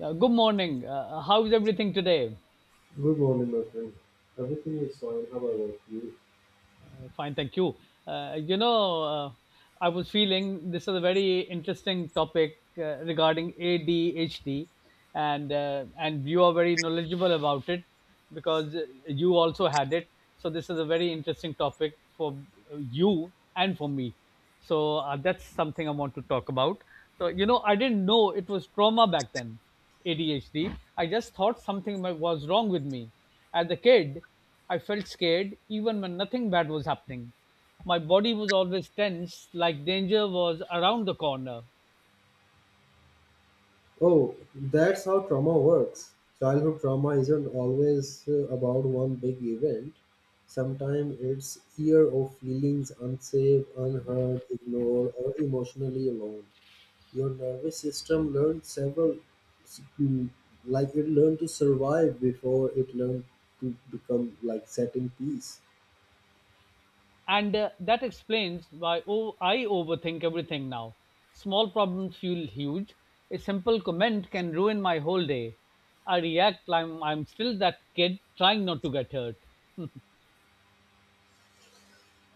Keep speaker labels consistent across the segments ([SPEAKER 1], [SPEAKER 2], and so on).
[SPEAKER 1] Good morning. How is everything today?
[SPEAKER 2] Good morning, my friend. Everything is fine. How about you?
[SPEAKER 1] Fine, thank you. Uh, you know, uh, I was feeling this is a very interesting topic regarding ADHD, and you are very knowledgeable about it because you also had it. So this is a very interesting topic for you and for me. So that's something I want to talk about. So I didn't know it was trauma back then, ADHD. I just thought something was wrong with me. As a kid, I felt scared even when nothing bad was happening. My body was always tense, like danger was around the corner.
[SPEAKER 2] Oh, that's how trauma works. Childhood trauma isn't always about one big event. Sometimes it's year of feelings unsafe, unheard, ignored, or emotionally alone. Your nervous system learned several, mm, like it learned to survive before it learned to become like setting peace.
[SPEAKER 1] And that explains why oh, I overthink everything now. Small problems feel huge. A simple comment can ruin my whole day. I react like I'm still that kid trying not to get hurt.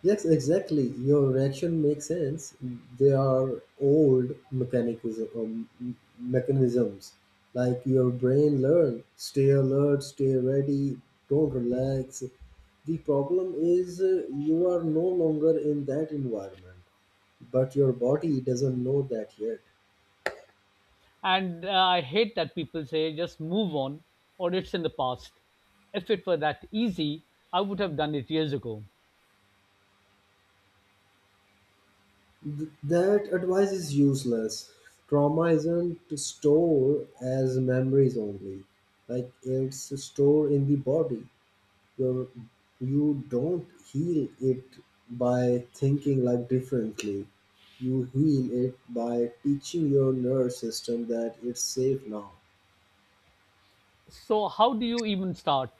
[SPEAKER 2] Yes, exactly. Your reaction makes sense. They are old mechanism, mechanisms. Like your brain learn, stay alert, stay ready, don't relax. The problem is you are no longer in that environment, but your body doesn't know that yet.
[SPEAKER 1] And I hate that people say just move on or it's in the past. If it were that easy, I would have done it years ago.
[SPEAKER 2] That advice is useless. Trauma isn't stored as memories only. Like it's stored in the body. You you don't heal it by thinking like differently. You heal it by teaching your nervous system that it's safe now.
[SPEAKER 1] So how do you even start?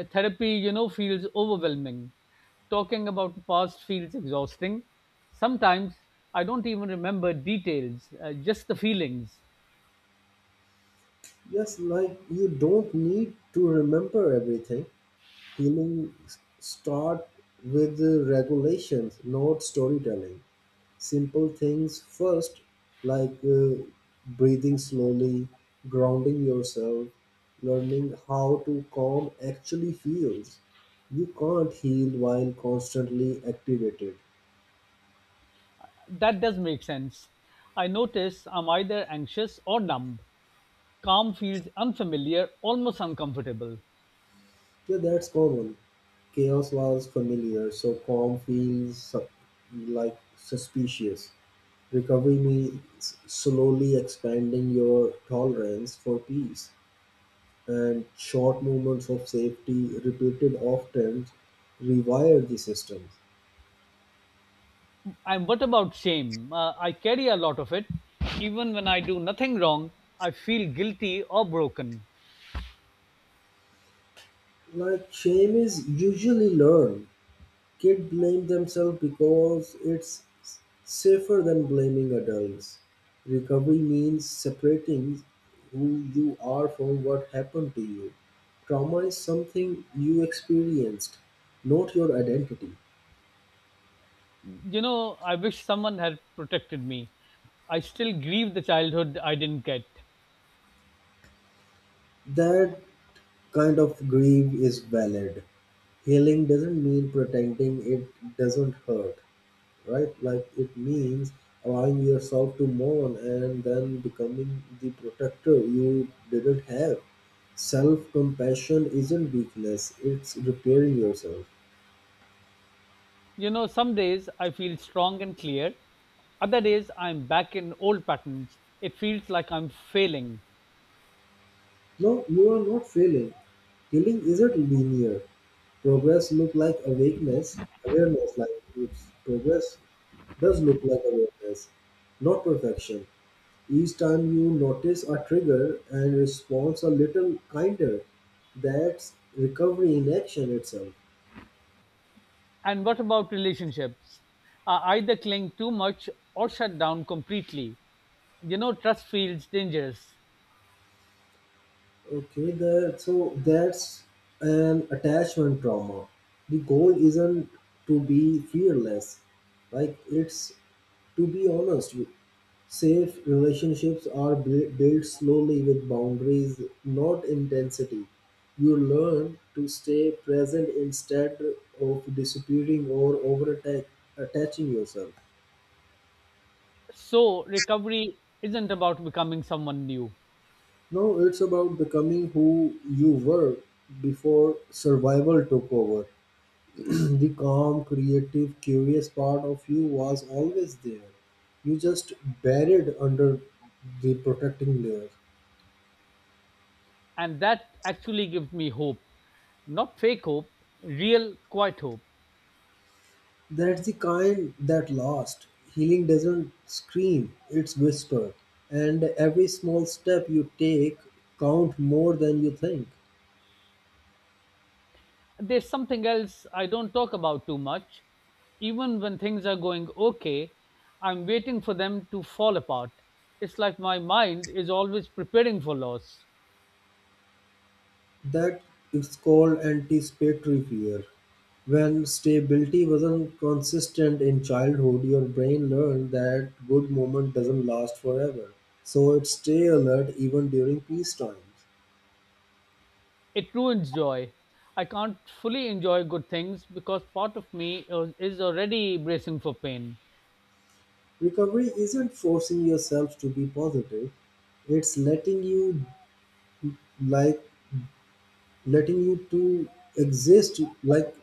[SPEAKER 1] Therapy feels overwhelming. Talking about the past feels exhausting. Sometimes I don't even remember details, just the feelings.
[SPEAKER 2] Yes, like you don't need to remember everything. Healing s- start with the regulations, not storytelling. Simple things first, like breathing slowly, grounding yourself, learning how to calm actually feels. You can't heal while constantly activated.
[SPEAKER 1] That does make sense. I notice I'm either anxious or numb. Calm feels unfamiliar, almost uncomfortable.
[SPEAKER 2] Yeah, that's common. Chaos was familiar, so calm feels like suspicious. Recovery means slowly expanding your tolerance for peace, and short moments of safety repeated often rewire the systems.
[SPEAKER 1] And what about shame? I carry a lot of it even when I do nothing wrong. I feel guilty or broken.
[SPEAKER 2] Like shame is usually learned. Kids blame themselves because it's safer than blaming adults. Recovery means separating who you are from what happened to you. Trauma is something you experienced, not your identity.
[SPEAKER 1] I wish someone had protected me. I still grieve the childhood I didn't get.
[SPEAKER 2] That kind of grief is valid. Healing doesn't mean pretending it doesn't hurt, right? Like it means allowing yourself to mourn and then becoming the protector you didn't have. Self compassion isn't weakness, it's repairing yourself.
[SPEAKER 1] Some days I feel strong and clear. Other days I'm back in old patterns. It feels like I'm failing.
[SPEAKER 2] No, you are not failing. Healing isn't linear. Progress look like awakeness, awareness, like it's progress does look like awareness, not perfection. Each time you notice a trigger and responds a little kinder, that's recovery in action itself.
[SPEAKER 1] And what about relationships? I either cling too much or shut down completely. Trust feels dangerous.
[SPEAKER 2] Okay, that so that's an attachment trauma. The goal isn't to be fearless, like it's to be honest, safe relationships are built slowly with boundaries, not intensity. You learn to stay present instead of disappearing or over attaching yourself.
[SPEAKER 1] So, recovery isn't about becoming someone new.
[SPEAKER 2] No, it's about becoming who you were before survival took over. The calm, creative, curious part of you was always there. You just buried under the protecting layer.
[SPEAKER 1] And that actually gives me hope. Not fake hope, real, quiet hope.
[SPEAKER 2] That's the kind that lasts. Healing doesn't scream, it's whispered. And every small step you take count more than you think.
[SPEAKER 1] There's something else I don't talk about too much. Even when things are going okay, I'm waiting for them to fall apart. It's like my mind is always preparing for loss.
[SPEAKER 2] That is called anticipatory fear. When stability wasn't consistent in childhood, your brain learned that good moment doesn't last forever. So it stay alert even during peace times.
[SPEAKER 1] It ruins joy. I can't fully enjoy good things because part of me is already bracing for pain.
[SPEAKER 2] Recovery isn't forcing yourself to be positive, it's letting you, like letting you to exist, like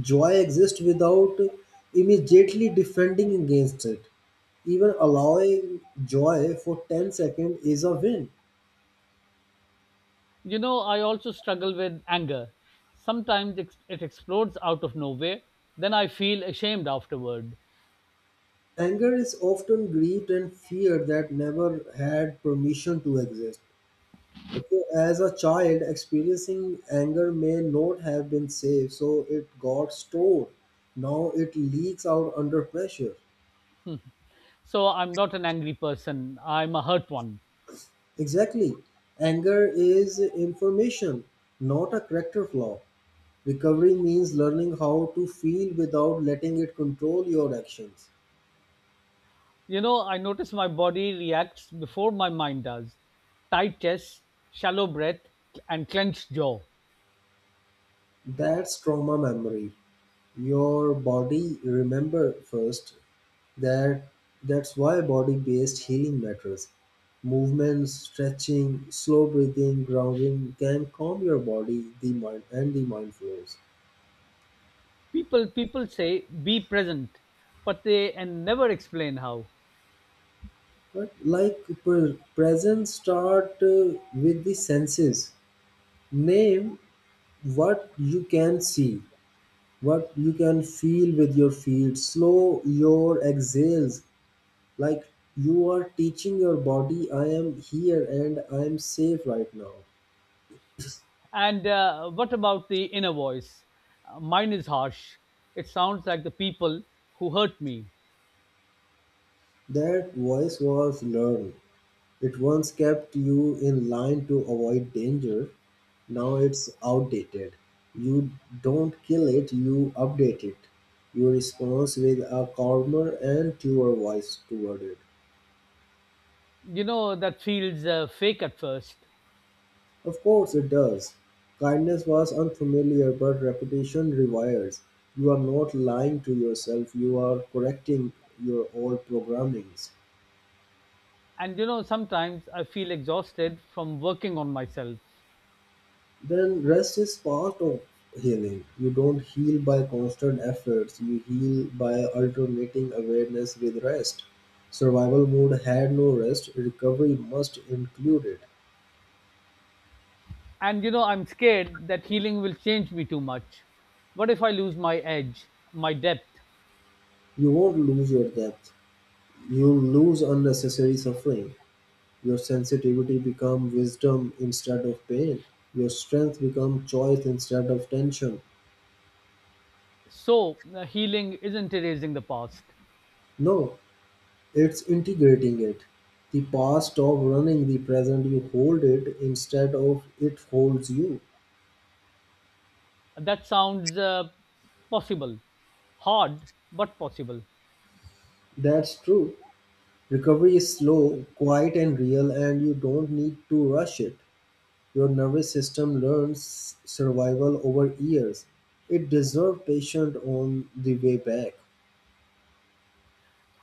[SPEAKER 2] joy exists without immediately defending against it. Even allowing joy for 10 seconds is a win.
[SPEAKER 1] I also struggle with anger. Sometimes it explodes out of nowhere, then I feel ashamed afterward.
[SPEAKER 2] Anger is often grief and fear that never had permission to exist. Okay, as a child, experiencing anger may not have been safe, so it got stored. Now it leaks out under pressure.
[SPEAKER 1] So I'm not an angry person, I'm a hurt one.
[SPEAKER 2] Exactly. Anger is information, not a character flaw. Recovery means learning how to feel without letting it control your actions.
[SPEAKER 1] I notice my body reacts before my mind does. Tight chest, shallow breath, and clenched jaw.
[SPEAKER 2] That's trauma memory. Your body remember first. That that's why body based healing matters. Movement, stretching, slow breathing, grounding can calm your body, the mind, and the mind flows.
[SPEAKER 1] People say be present, but they and never explain how.
[SPEAKER 2] But like presence start with the senses. Name what you can see, what you can feel with your feet. Slow your exhales, like you are teaching your body, I am here and I am safe right now.
[SPEAKER 1] And what about the inner voice? Mine is harsh. It sounds like the people who hurt me.
[SPEAKER 2] That voice was learned. It once kept you in line to avoid danger. Now it's outdated. You don't kill it, you update it. You respond with a calmer and truer voice toward it.
[SPEAKER 1] That feels fake at first.
[SPEAKER 2] Of course it does. Kindness was unfamiliar, but repetition rewires. You are not lying to yourself, you are correcting your old programmings.
[SPEAKER 1] And sometimes I feel exhausted from working on myself.
[SPEAKER 2] Then rest is part of healing. You don't heal by constant efforts, you heal by alternating awareness with rest. Survival mode had no rest, recovery must include it.
[SPEAKER 1] And I'm scared that healing will change me too much. What if I lose my edge, my depth?
[SPEAKER 2] You won't lose your depth, you lose unnecessary suffering. Your sensitivity become wisdom instead of pain. Your strength become choice instead of tension.
[SPEAKER 1] So healing isn't erasing the past.
[SPEAKER 2] No, it's integrating it. The past stop running the present. You hold it instead of it holds you.
[SPEAKER 1] That sounds possible. Hard, but possible.
[SPEAKER 2] That's true. Recovery is slow, quiet and real, and you don't need to rush it. Your nervous system learns survival over years. It deserves patience on the way back.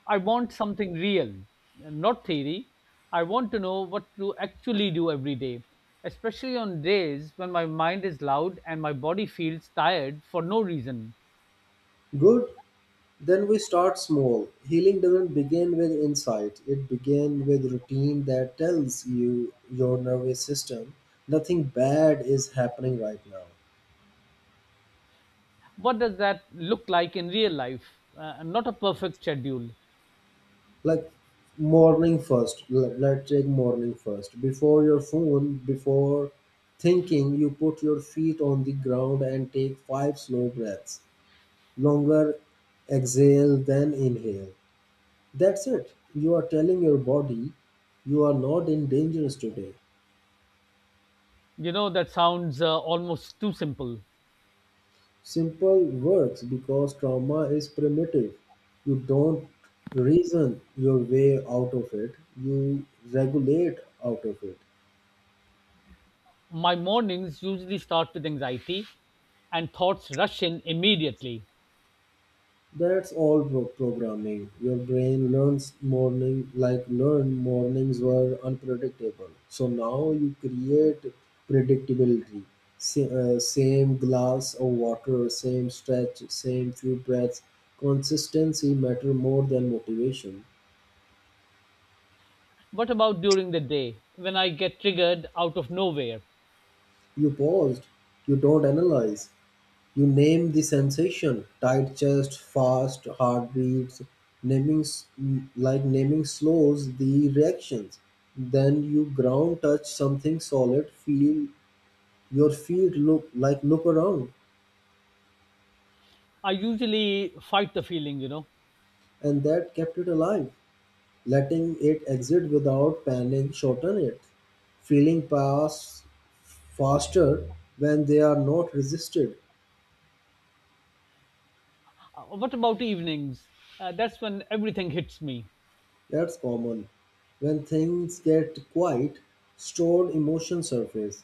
[SPEAKER 1] I want something real, not theory. I want to know what to actually do every day, especially on days when my mind is loud and my body feels tired for no reason.
[SPEAKER 2] Good. Then we start small. Healing doesn't begin with insight, it begins with routine that tells you your nervous system nothing bad is happening right now.
[SPEAKER 1] What does that look like in real life? Not a perfect schedule.
[SPEAKER 2] Like morning first, let's take morning first. Before your phone, before thinking, you put your feet on the ground and take five slow breaths. Longer exhale than inhale. That's it. You are telling your body you are not in danger today.
[SPEAKER 1] That sounds almost too simple.
[SPEAKER 2] Simple works because trauma is primitive. You don't reason your way out of it, you regulate out of it.
[SPEAKER 1] My mornings usually start with anxiety and thoughts rush in immediately.
[SPEAKER 2] That's all programming. Your brain learns morning, like learn mornings were unpredictable. So now you create predictability. Same glass of water, same stretch, same few breaths. Consistency matter more than motivation.
[SPEAKER 1] What about during the day when I get triggered out of nowhere?
[SPEAKER 2] You paused. You don't analyze. You name the sensation. Tight chest, fast heartbeats, naming like naming slows the reactions. Then you ground, touch something solid, feel your feet, look like look around,
[SPEAKER 1] I usually fight the feeling.
[SPEAKER 2] and that kept it alive. Letting it exit without panic shorten it. Feeling pass faster when they are not resisted.
[SPEAKER 1] What about evenings? That's when everything hits me.
[SPEAKER 2] That's common. When things get quiet, stored emotion surface.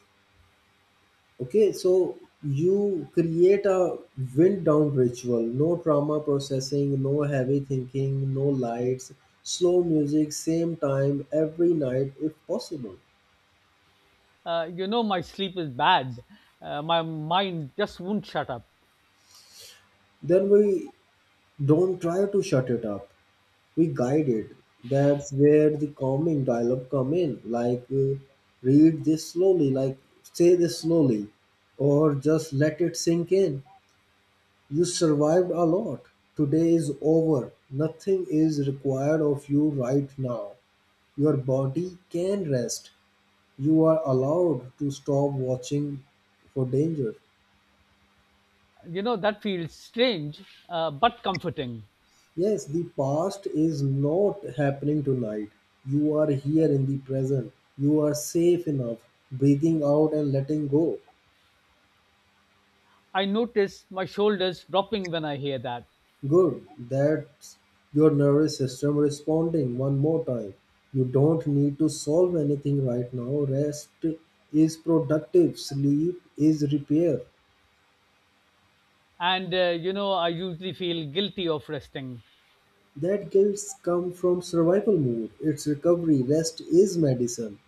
[SPEAKER 2] Okay, so you create a wind down ritual. No trauma processing, no heavy thinking, no lights, slow music, same time every night if possible.
[SPEAKER 1] My sleep is bad. My mind just won't shut up.
[SPEAKER 2] Then we don't try to shut it up. We guide it. That's where the calming dialogue come in, like read this slowly, like say this slowly, or just let it sink in. You survived a lot. Today is over, nothing is required of you right now. Your body can rest. You are allowed to stop watching for danger.
[SPEAKER 1] That feels strange, but comforting.
[SPEAKER 2] Yes, the past is not happening tonight. You are here in the present. You are safe enough, breathing out and letting go.
[SPEAKER 1] I notice my shoulders dropping when I hear that.
[SPEAKER 2] Good, that's your nervous system responding one more time. You don't need to solve anything right now. Rest is productive, sleep is repair.
[SPEAKER 1] And I usually feel guilty of resting.
[SPEAKER 2] That guilt come from survival mode. It's recovery. Rest is medicine.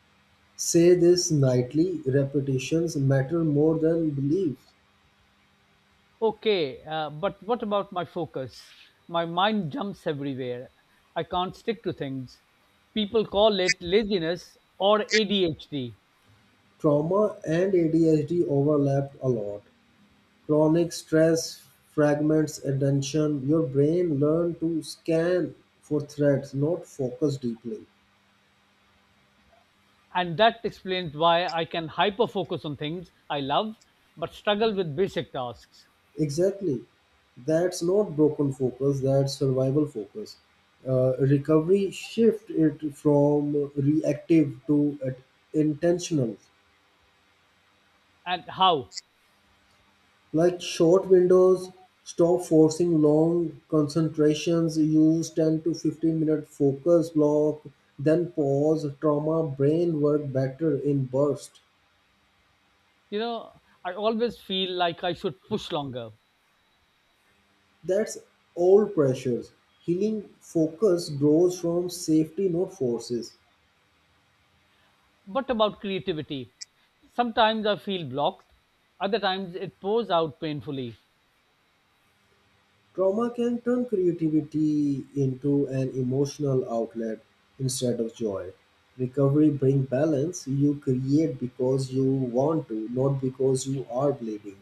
[SPEAKER 2] Say this nightly. Repetitions matter more than beliefs.
[SPEAKER 1] Okay, but what about my focus? My mind jumps everywhere. I can't stick to things. People call it laziness or ADHD.
[SPEAKER 2] Trauma and ADHD overlap a lot. Chronic stress fragments attention. Your brain learns to scan for threats, not focus deeply.
[SPEAKER 1] And that explains why I can hyper focus on things I love but struggle with basic tasks.
[SPEAKER 2] Exactly. That's not broken focus, that's survival focus. Recovery shift it from reactive to intentional.
[SPEAKER 1] And how?
[SPEAKER 2] Like short windows, stop forcing long concentrations, use 10 to 15 minute focus block, then pause, trauma, brain work better in burst.
[SPEAKER 1] I always feel like I should push longer.
[SPEAKER 2] That's all pressures. Healing focus grows from safety, not forces.
[SPEAKER 1] What about creativity? Sometimes I feel blocked. Other times it pours out painfully.
[SPEAKER 2] Trauma can turn creativity into an emotional outlet instead of joy. Recovery bring balance, you create because you want to, not because you are bleeding.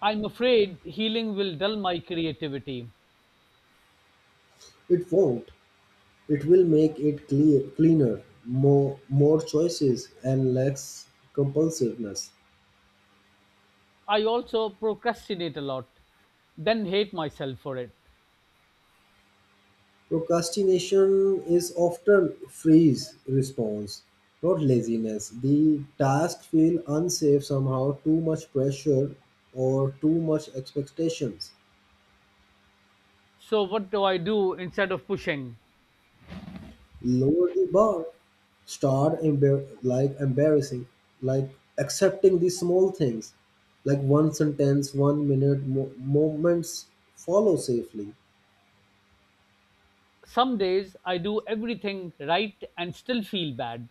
[SPEAKER 1] I'm afraid healing will dull my creativity.
[SPEAKER 2] It won't. It will make it clear, cleaner, more choices, and less compulsiveness.
[SPEAKER 1] I also procrastinate a lot, then hate myself for it.
[SPEAKER 2] Procrastination is often freeze response, not laziness. The task feel unsafe somehow, too much pressure or too much expectations.
[SPEAKER 1] So, what do I do instead of pushing?
[SPEAKER 2] Lower the bar, start like embarrassing, like accepting these small things, like one sentence, 1 minute moments, follow safely.
[SPEAKER 1] Some days I do everything right and still feel bad.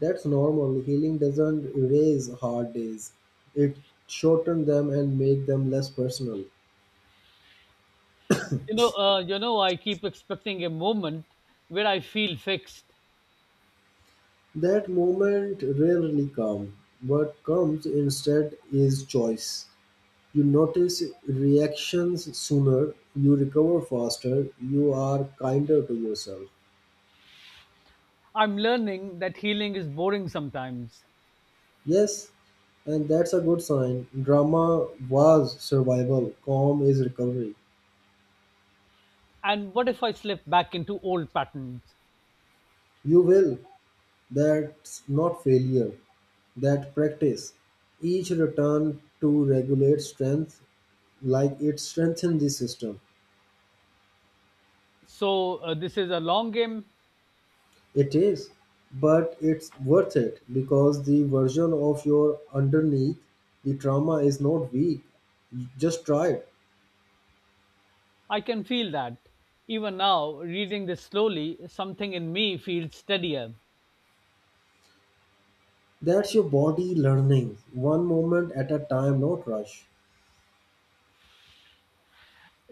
[SPEAKER 2] That's normal. Healing doesn't erase hard days, it shortens them and make them less personal.
[SPEAKER 1] I keep expecting a moment where I feel fixed.
[SPEAKER 2] That moment rarely comes. What comes instead is choice. You notice reactions sooner, you recover faster, you are kinder to yourself.
[SPEAKER 1] I'm learning that healing is boring sometimes.
[SPEAKER 2] Yes, and that's a good sign. Drama was survival, calm is recovery.
[SPEAKER 1] And what if I slip back into old patterns?
[SPEAKER 2] You will. That's not failure, that practice. Each return to regulate strength, like it strengthens the system.
[SPEAKER 1] So, this is a long game.
[SPEAKER 2] It is, but it's worth it because the version of your underneath the trauma is not weak. Just try it.
[SPEAKER 1] I can feel that. Even now, reading this slowly, something in me feels steadier.
[SPEAKER 2] That's your body learning, one moment at a time, not rush.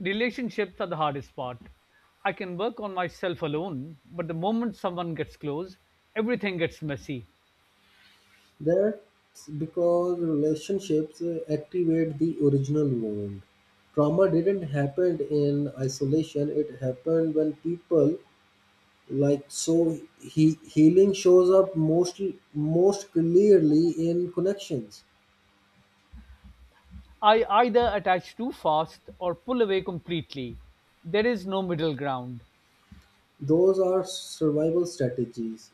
[SPEAKER 1] Relationships are the hardest part. I can work on myself alone, but the moment someone gets close, everything gets messy.
[SPEAKER 2] That's because relationships activate the original wound. Trauma didn't happen in isolation, it happened when people, like so healing shows up most clearly in connections.
[SPEAKER 1] I either attach too fast or pull away completely. There is no middle ground.
[SPEAKER 2] Those are survival strategies.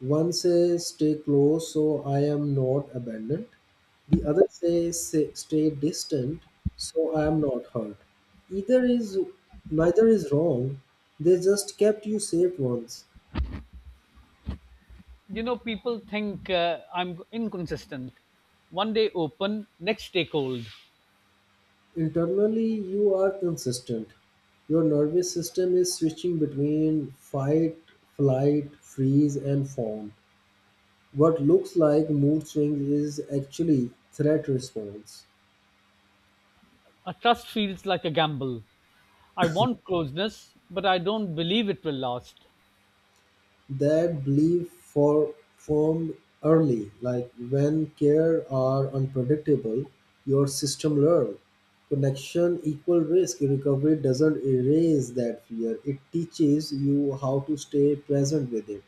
[SPEAKER 2] One says stay close so I am not abandoned. The other says, "Sa- stay distant so I am not hurt." Either is neither is wrong. They just kept you safe once.
[SPEAKER 1] People think I'm inconsistent. One day open, next day cold.
[SPEAKER 2] Internally you are consistent. Your nervous system is switching between fight, flight, freeze and fawn. What looks like mood swings is actually threat response.
[SPEAKER 1] A trust feels like a gamble. I want closeness, but I don't believe it will last.
[SPEAKER 2] That belief formed early, like when care are unpredictable, your system learn. Connection equal risk, recovery doesn't erase that fear. It teaches you how to stay present with it.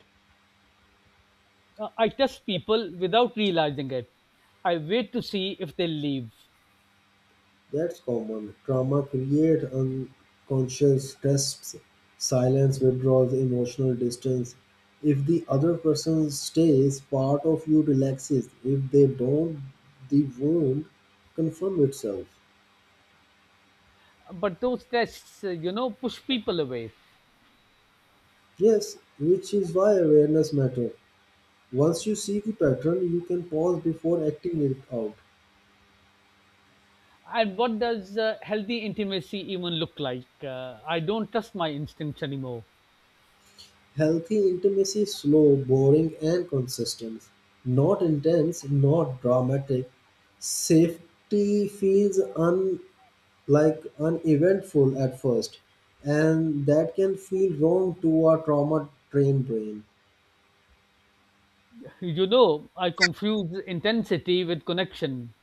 [SPEAKER 1] I test people without realizing it. I wait to see if they leave.
[SPEAKER 2] That's common; trauma creates unconscious stress, silence, withdrawal, emotional distance. If the other person stays, part of you relaxes. If they don't, the wound confirms itself.
[SPEAKER 1] But those tests, push people away.
[SPEAKER 2] Yes, which is why awareness matters. Once you see the pattern, you can pause before acting it out.
[SPEAKER 1] And what does healthy intimacy even look like? I don't trust my instincts anymore.
[SPEAKER 2] Healthy intimacy is slow, boring, and consistent. Not intense, not dramatic. Safety feels like uneventful at first, and that can feel wrong to our trauma trained brain
[SPEAKER 1] I confuse intensity with connection.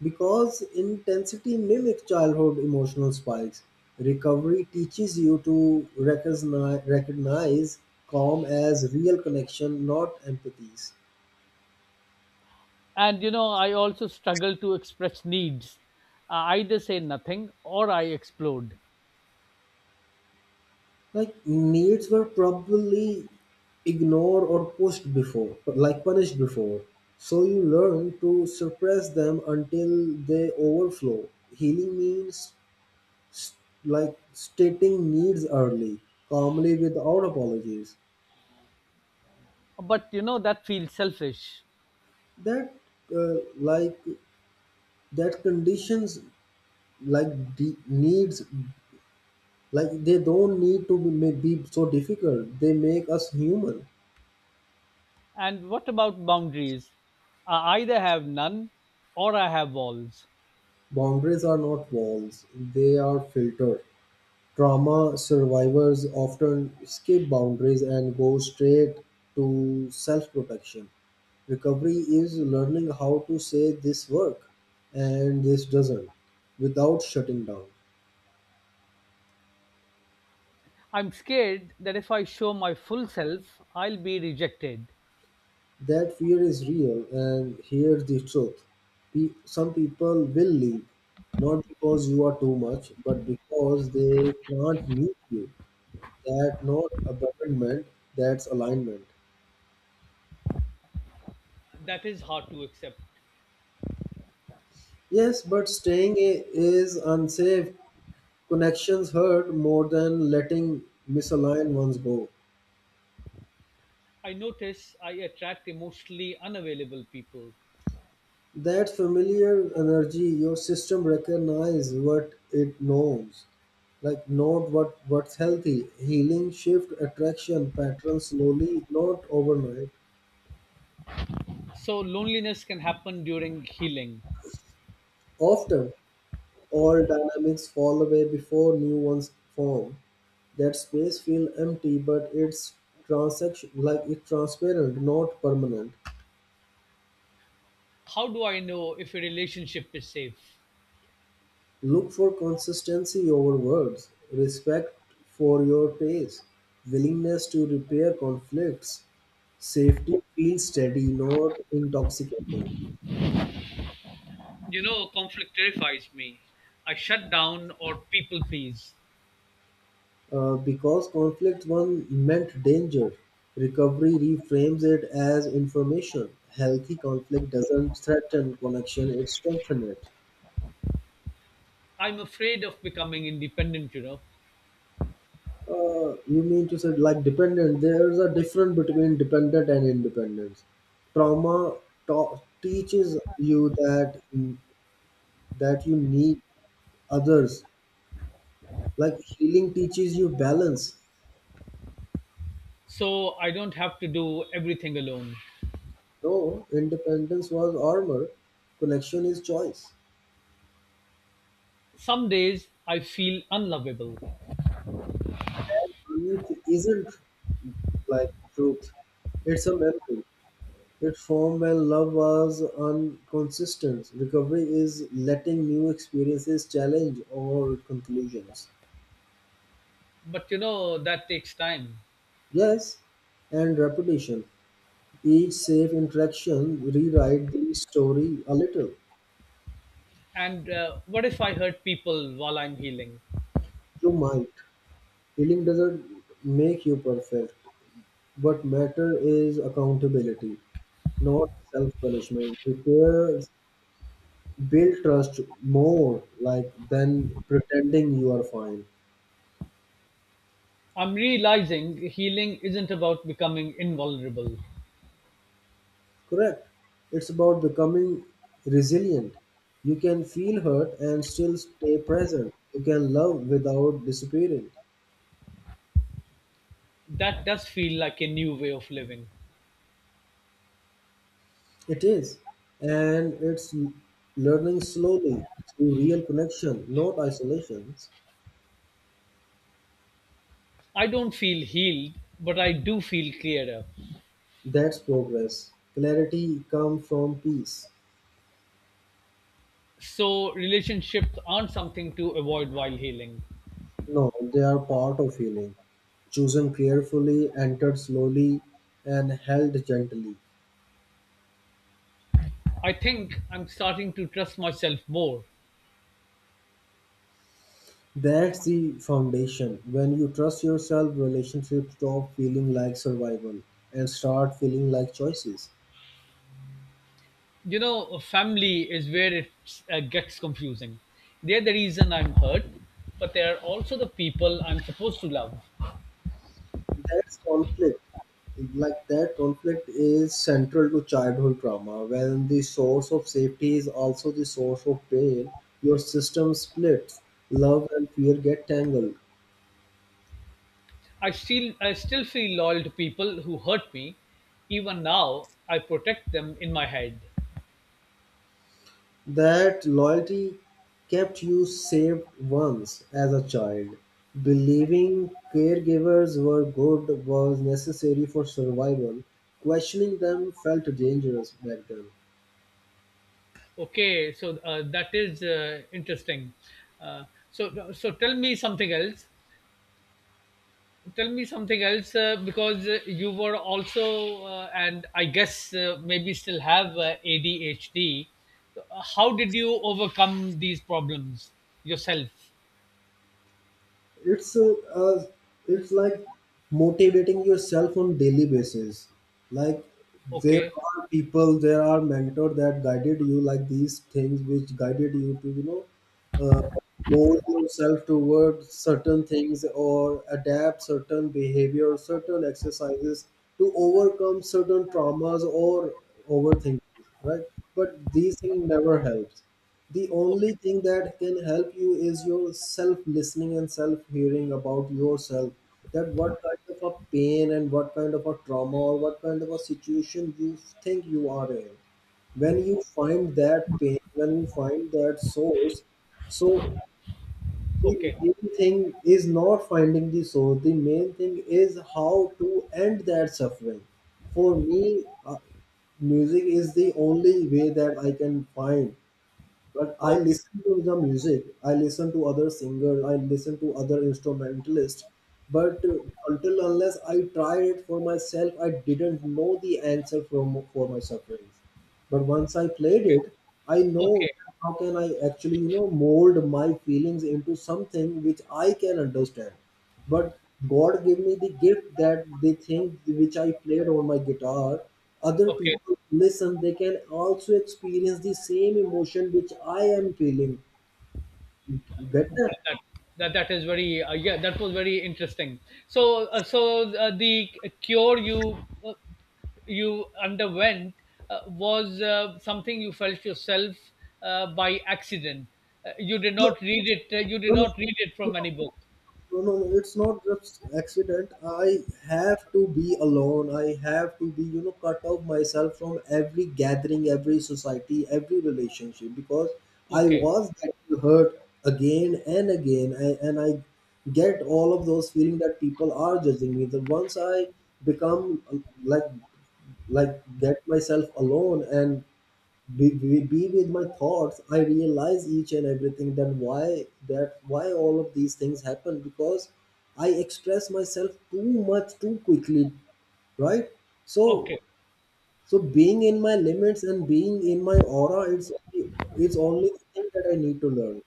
[SPEAKER 2] because intensity mimics childhood emotional spikes. Recovery teaches you to recognize calm as real connection, not empathies.
[SPEAKER 1] And I also struggle to express needs. I either say nothing or I explode.
[SPEAKER 2] Like needs were probably ignored or pushed before, like punished before, so you learn to suppress them until they overflow. Healing means s- like stating needs early, calmly, without apologies.
[SPEAKER 1] But that feels selfish.
[SPEAKER 2] That uh, like that conditions, like the needs, like they don't need to be, may be so difficult, they make us human.
[SPEAKER 1] And what about boundaries? I either have none or I have walls.
[SPEAKER 2] Boundaries are not walls, they are filters. Trauma survivors often skip boundaries and go straight to self protection. Recovery is learning how to say this work and this doesn't, without shutting down.
[SPEAKER 1] I'm scared that if I show my full self, I'll be rejected.
[SPEAKER 2] That fear is real, and here's the truth. Some people will leave, not because you are too much, but because they can't meet you. That not abandonment, that's alignment.
[SPEAKER 1] That is hard to accept.
[SPEAKER 2] Yes, but staying is unsafe. Connections hurt more than letting misaligned ones go.
[SPEAKER 1] I notice I attract emotionally unavailable people.
[SPEAKER 2] That familiar energy, your system recognize what it knows. Like not what's healthy. Healing shift attraction patterns slowly, not overnight.
[SPEAKER 1] So loneliness can happen during healing.
[SPEAKER 2] Often all dynamics fall away before new ones form. That space feel empty, but it's transaction, like it's transparent, not permanent.
[SPEAKER 1] How do I know if a relationship is safe?
[SPEAKER 2] Look for consistency over words, respect for your pace, willingness to repair conflicts. Safety feels steady, not intoxicating.
[SPEAKER 1] Conflict terrifies me. I shut down or people please.
[SPEAKER 2] Because conflict one meant danger, recovery reframes it as information. Healthy conflict doesn't threaten connection, it strengthens it.
[SPEAKER 1] I'm afraid of becoming independent.
[SPEAKER 2] You mean to say like dependent? There's a difference between dependent and independence. Trauma teaches you that that you need others. Like healing teaches you balance.
[SPEAKER 1] So I don't have to do everything alone.
[SPEAKER 2] No, independence was armor. Connection is choice.
[SPEAKER 1] Some days I feel unlovable,
[SPEAKER 2] That belief isn't, like, truth. It's a memory. It formed when love was inconsistent. Recovery is letting new experiences challenge all conclusions.
[SPEAKER 1] but that takes time.
[SPEAKER 2] Yes, and repetition. Each safe interaction rewrite the story a little.
[SPEAKER 1] And what if I hurt people while I'm healing?
[SPEAKER 2] You might. Healing doesn't make you perfect. What matter is accountability, not self-punishment. Prepare, build trust more, like, than pretending you are fine.
[SPEAKER 1] I'm realizing healing isn't about becoming invulnerable.
[SPEAKER 2] Correct. It's about becoming resilient. You can feel hurt and still stay present. You can love without disappearing.
[SPEAKER 1] That does feel like a new way of living.
[SPEAKER 2] It is, and it's learning slowly through real connection, not isolations.
[SPEAKER 1] I don't feel healed, but I do feel clearer.
[SPEAKER 2] That's progress. Clarity come from peace.
[SPEAKER 1] So, relationships aren't something to avoid while healing.
[SPEAKER 2] No, they are part of healing. Chosen carefully, entered slowly, and held gently.
[SPEAKER 1] I think I'm starting to trust myself more.
[SPEAKER 2] That's the foundation. When you trust yourself, relationships stop feeling like survival and start feeling like choices.
[SPEAKER 1] Family is where it gets confusing. They're the reason I'm hurt, but they are also the people I'm supposed to love.
[SPEAKER 2] That's conflict. Like that conflict is central to childhood trauma. When the source of safety is also the source of pain, your system splits. Love and fear get tangled.
[SPEAKER 1] I still feel loyal to people who hurt me. Even now, I protect them in my head.
[SPEAKER 2] That loyalty kept you safe once as a child. Believing caregivers were good was necessary for survival. Questioning them felt dangerous back then.
[SPEAKER 1] Okay, so that is interesting. Uh, so tell me something else. Tell me something else, because you were also, and I guess maybe still have ADHD. So, how did you overcome these problems yourself?
[SPEAKER 2] It's it's like motivating yourself on daily basis. Like there
[SPEAKER 1] Okay.
[SPEAKER 2] are people, there are mentor that guided you, like these things which guided you to, you know, uh, mold yourself toward certain things or adapt certain behavior, certain exercises to overcome certain traumas or overthinking, right? But these things never helps. The
[SPEAKER 1] Okay.
[SPEAKER 2] only thing that can help you is your self listening and self hearing about yourself. That what kind of a pain and what kind of a trauma or what kind of a situation you think you are in. When you find that pain, when you find that source, so the
[SPEAKER 1] Okay.
[SPEAKER 2] main thing is not finding the source, the main thing is how to end that suffering. For me, music is the only way that I can find. But I
[SPEAKER 1] Okay.
[SPEAKER 2] listen to the music, I listen to other singers, I listen to other instrumentalists, but until unless I tried it for myself, I didn't know the answer from for my sufferings. But once I played
[SPEAKER 1] Okay.
[SPEAKER 2] it, I know
[SPEAKER 1] Okay.
[SPEAKER 2] how can I actually, you know, mold my feelings into something which I can understand. But God gave me the gift that the thing which I played on my guitar, other
[SPEAKER 1] Okay.
[SPEAKER 2] people listen, they can also experience the same emotion which I am feeling. You get that?
[SPEAKER 1] That that, that is very yeah, that was very interesting. So the cure you uh, you underwent was something you felt yourself, by accident. You did
[SPEAKER 2] No,
[SPEAKER 1] not read it, you did
[SPEAKER 2] no, no.
[SPEAKER 1] not read it from any book?
[SPEAKER 2] No, no, no, it's not just accident. I have to be alone. I have to be, you know, cut off myself from every gathering, every society, every relationship, because I
[SPEAKER 1] Okay.
[SPEAKER 2] was getting hurt again and again. And I get all of those feeling that people are judging me. That once I become like, like get myself alone and be with my thoughts, I realize each and everything. Then why that, why all of these things happen, because I express myself too much, too quickly, right? So
[SPEAKER 1] Okay.
[SPEAKER 2] so being in my limits and being in my aura, it's only the thing that I need to learn.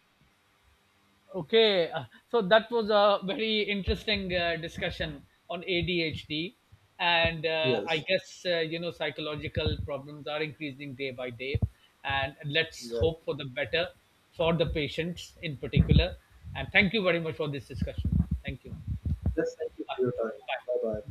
[SPEAKER 1] Okay, so that was a very interesting discussion on ADHD, and I
[SPEAKER 2] Yes.
[SPEAKER 1] guess, psychological problems are increasing day by day, and let's
[SPEAKER 2] Yes.
[SPEAKER 1] hope for the better for the patients in particular. And thank you very much for this discussion. Thank you.
[SPEAKER 2] Yes, thank you for your time. Bye bye.